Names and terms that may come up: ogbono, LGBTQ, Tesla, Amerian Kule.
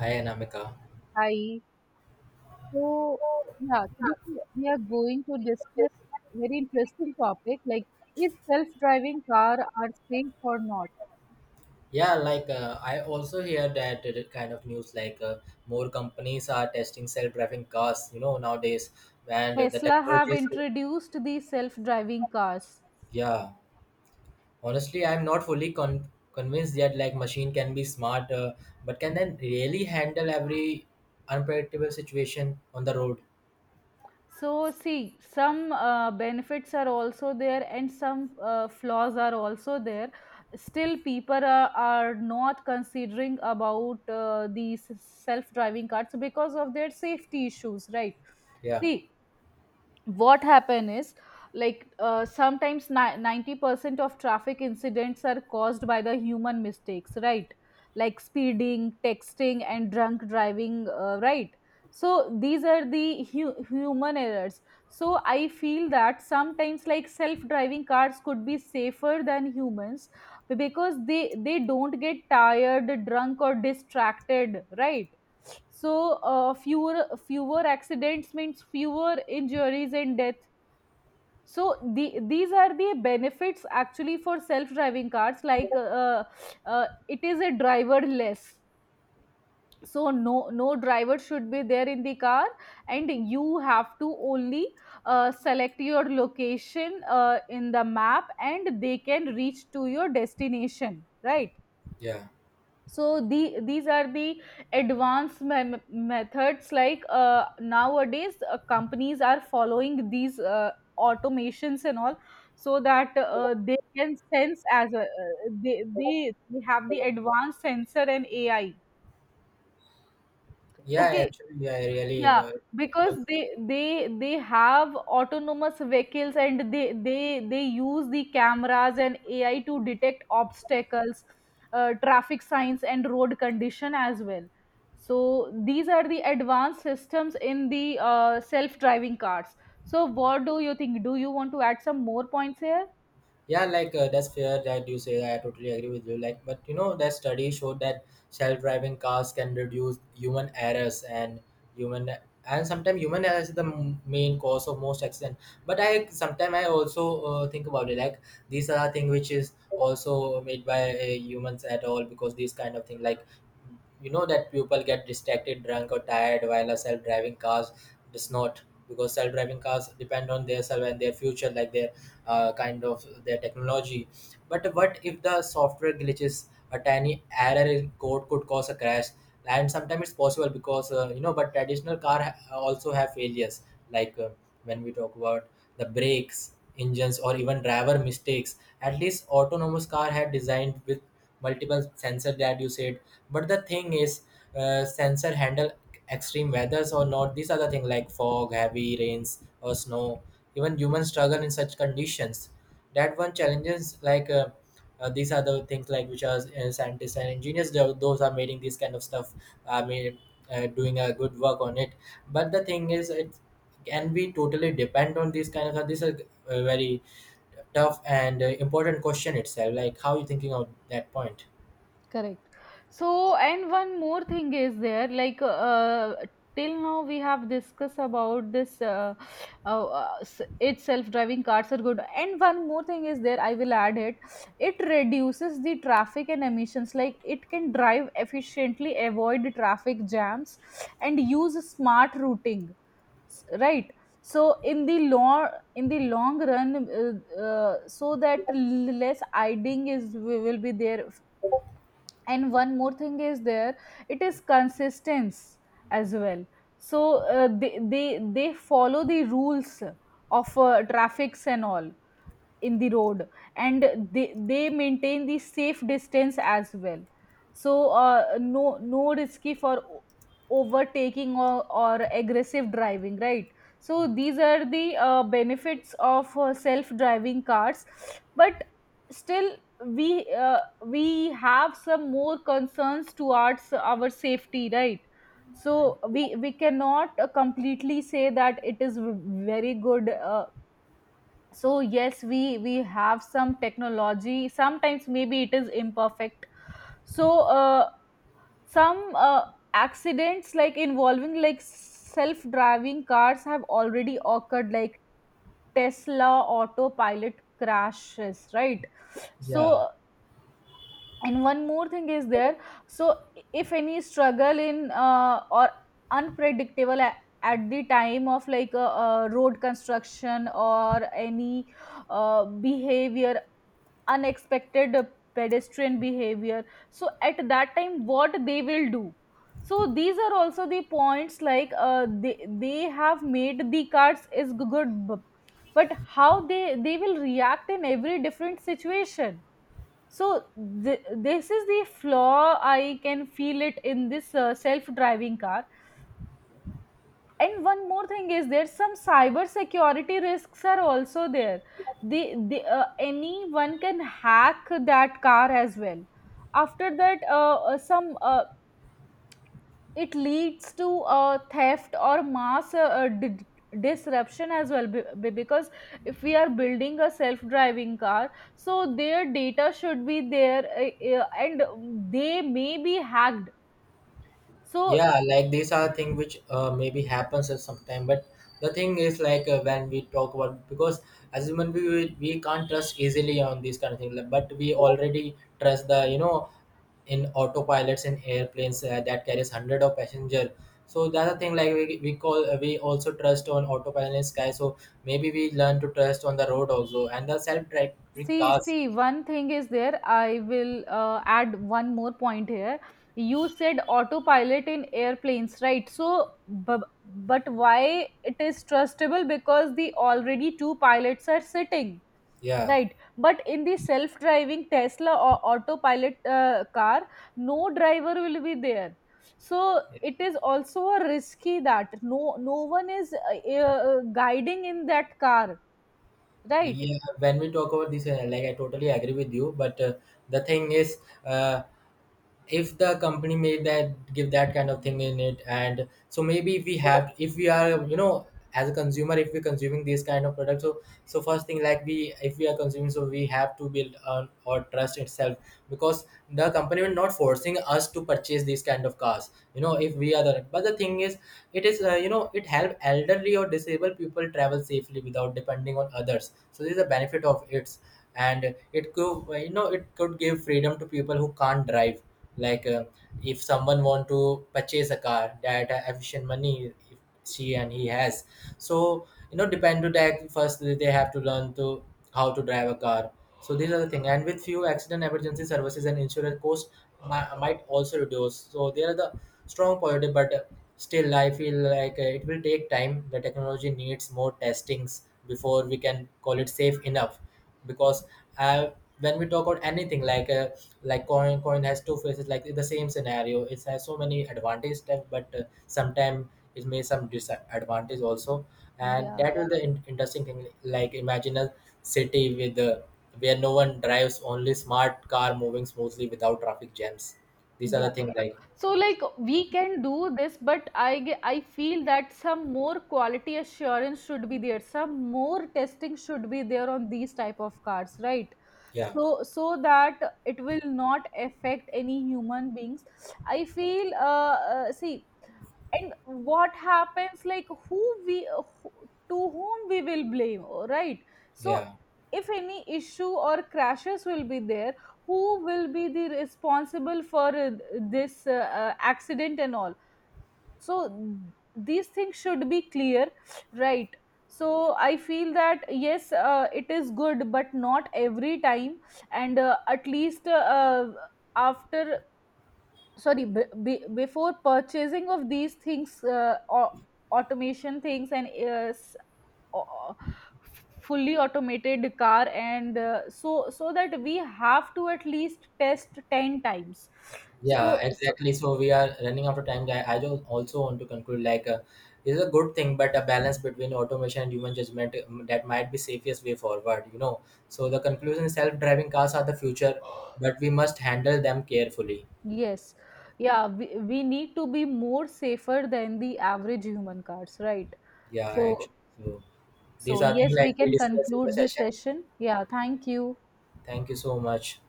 Hi Anamika. Hi. So, yeah, today we are going to discuss very interesting topic like if self-driving car are safe or not. Yeah, like I also hear that kind of news like more companies are testing self-driving cars, you know, nowadays, and the Tesla have technologies. introduced the self-driving cars. Yeah, honestly, I'm not fully convinced yet. Like machine can be smart, but can then really handle every unpredictable situation on the road? So see, some benefits are also there and some flaws are also there. Still, people are not considering about these self-driving cars because of their safety issues, right? Yeah, See, what happen is like sometimes 90% of traffic incidents are caused by the human mistakes, right, like speeding, texting and drunk driving, right. So these are the human errors, so I feel that sometimes like self driving cars could be safer than humans because they don't get tired, drunk or distracted, right? So fewer accidents means fewer injuries and death. So these are the benefits actually for self driving cars, like it is a driver less, so no driver should be there in the car, and you have to only select your location in the map and they can reach to your destination, right? yeah, So these are the advanced methods, like nowadays companies are following these automations and all, so that they can sense as a, they have the advanced sensor and ai. yeah. Okay. Actually, I really Yeah, because they have autonomous vehicles and they use the cameras and AI to detect obstacles, traffic signs and road condition as well. So these are the advanced systems in the self-driving cars. So what do you think? Do you want to add some more points here? Yeah, like that's fair that you say. I totally agree with you. Like, but you know that study showed that self-driving cars can reduce human errors and human and sometimes human errors is the main cause of most accident. But I sometimes I also think about it like these are things which is also made by humans at all, because these kind of thing, like you know, that people get distracted, drunk or tired, while a self-driving cars does not, because self-driving cars depend on their self and their future, like their kind of their technology. But what if the software glitches? A tiny error in code could cause a crash. And sometimes it's possible, because you know, but traditional car also have failures, like when we talk about the brakes, engines, or even driver mistakes. At least autonomous car had designed with multiple sensor that you said. But the thing is, sensor handle extreme weathers or not. These are the things like fog, heavy rains, or snow. Even humans struggle in such conditions. That one challenges like. These are the things like which are scientists and engineers, those are making this kind of stuff, I mean, doing a good work on it. But the thing is, it, can we totally depend on these kind of this is a very tough and important question itself, like how are you thinking of that point? Correct. So, and one more thing is there, like till now we have discussed about this. Its self-driving cars are good, and one more thing is there. I will add it. It reduces the traffic and emissions. Like it can drive efficiently, avoid traffic jams, and use smart routing. Right. So in the long run, so that less idling is will be there. And one more thing is there, it is consistence as well. So they follow the rules of traffics and all in the road, and they maintain the safe distance as well. So no risky for overtaking or aggressive driving, right? So these are the benefits of self driving cars. But still, we uh, we have some more concerns towards our safety, right? So we cannot completely say that it is very good. Uh, so yes we have some technology sometimes maybe it is imperfect so Some accidents like involving like self driving cars have already occurred, like tesla autopilot crashes, right? yeah So, and one more thing is there. So if any struggle in or unpredictable at the time of like a road construction or any behavior, unexpected pedestrian behavior, so at that time what they will do? So these are also the points, like they have made the cards is good but how they will react in every different situation. So th- this is the flaw I can feel it in this self driving car. And one more thing is there, some cyber security risks are also there. The Anyone can hack that car as well. After that some it leads to theft or mass disruption as well, because if we are building a self driving car, so their data should be there, and they may be hacked. So yeah Like these are thing which maybe happens at some time, but the thing is, like when we talk about, because as human, we can't trust easily on these kind of things. Like, but we already trust, the you know in autopilots in airplanes that carries hundred of passenger. So that's the thing, like we call we also trust on autopilot in sky. So maybe we learn to trust on the road also, and the self-driving see, cars. see, one thing is there. I will add one more point here. You said autopilot in airplanes, right? So, but why it is trustable? Because the already two pilots are sitting, Yeah. right? But in the self-driving Tesla or autopilot car, no driver will be there. So it is also a risky that no one is guiding in that car, right? Yeah, when we talk about this, like I totally agree with you. But the thing is, uh, if the company made that, give that kind of thing in it, and so maybe we have, if we are, you know, as a consumer, if we're consuming these kind of products, so first thing, like we, if we are consuming, so we have to build on or trust itself, because the company will not forcing us to purchase these kind of cars, you know, if we are the. But the thing is, it is you know, it help elderly or disabled people travel safely without depending on others, so this is a benefit of it. And it could, you know, it could give freedom to people who can't drive, like if someone want to purchase a car that efficient money, if she and he has. So you know, depend to that, first they have to learn to how to drive a car. So these are the thing, and with few accident, emergency services and insurance cost might also reduce, so they are the strong positive. But still I feel like it will take time, the technology needs more testings before we can call it safe enough. Because uh, when we talk about anything, like coin has two faces, like the same scenario, it has so many advantage step. But sometimes it may some disadvantage also. And Yeah. that is the interesting thing, like imagine a city with where no one drives, only smart car moving smoothly without traffic jams. These are Yeah, the things like. so like we can do this, but I feel that some more quality assurance should be there, some more testing should be there on these type of cars, right? yeah So so that it will not affect any human beings. I feel see, and what happens like who, to whom we will blame, right? So yeah if any issue or crashes will be there, who will be the responsible for this accident and all? So these things should be clear, right? So I feel that yes, it is good but not every time. And at least after sorry b- b- before purchasing of these things or automation things and uh, fully automated car and so so that we have to at least test 10 times. Yeah, So so exactly. So we are running out of time. I do also want to conclude, like it's a good thing, but a balance between automation and human judgment, that might be safest way forward, you know. So the conclusion: is self-driving cars are the future, but we must handle them carefully. yes, yeah, we need to be more safer than the average human cars, right? Yeah, So actually. So so these are things yes, we like we can discussed in the conclude this session. session. Yeah, thank you. Thank you so much.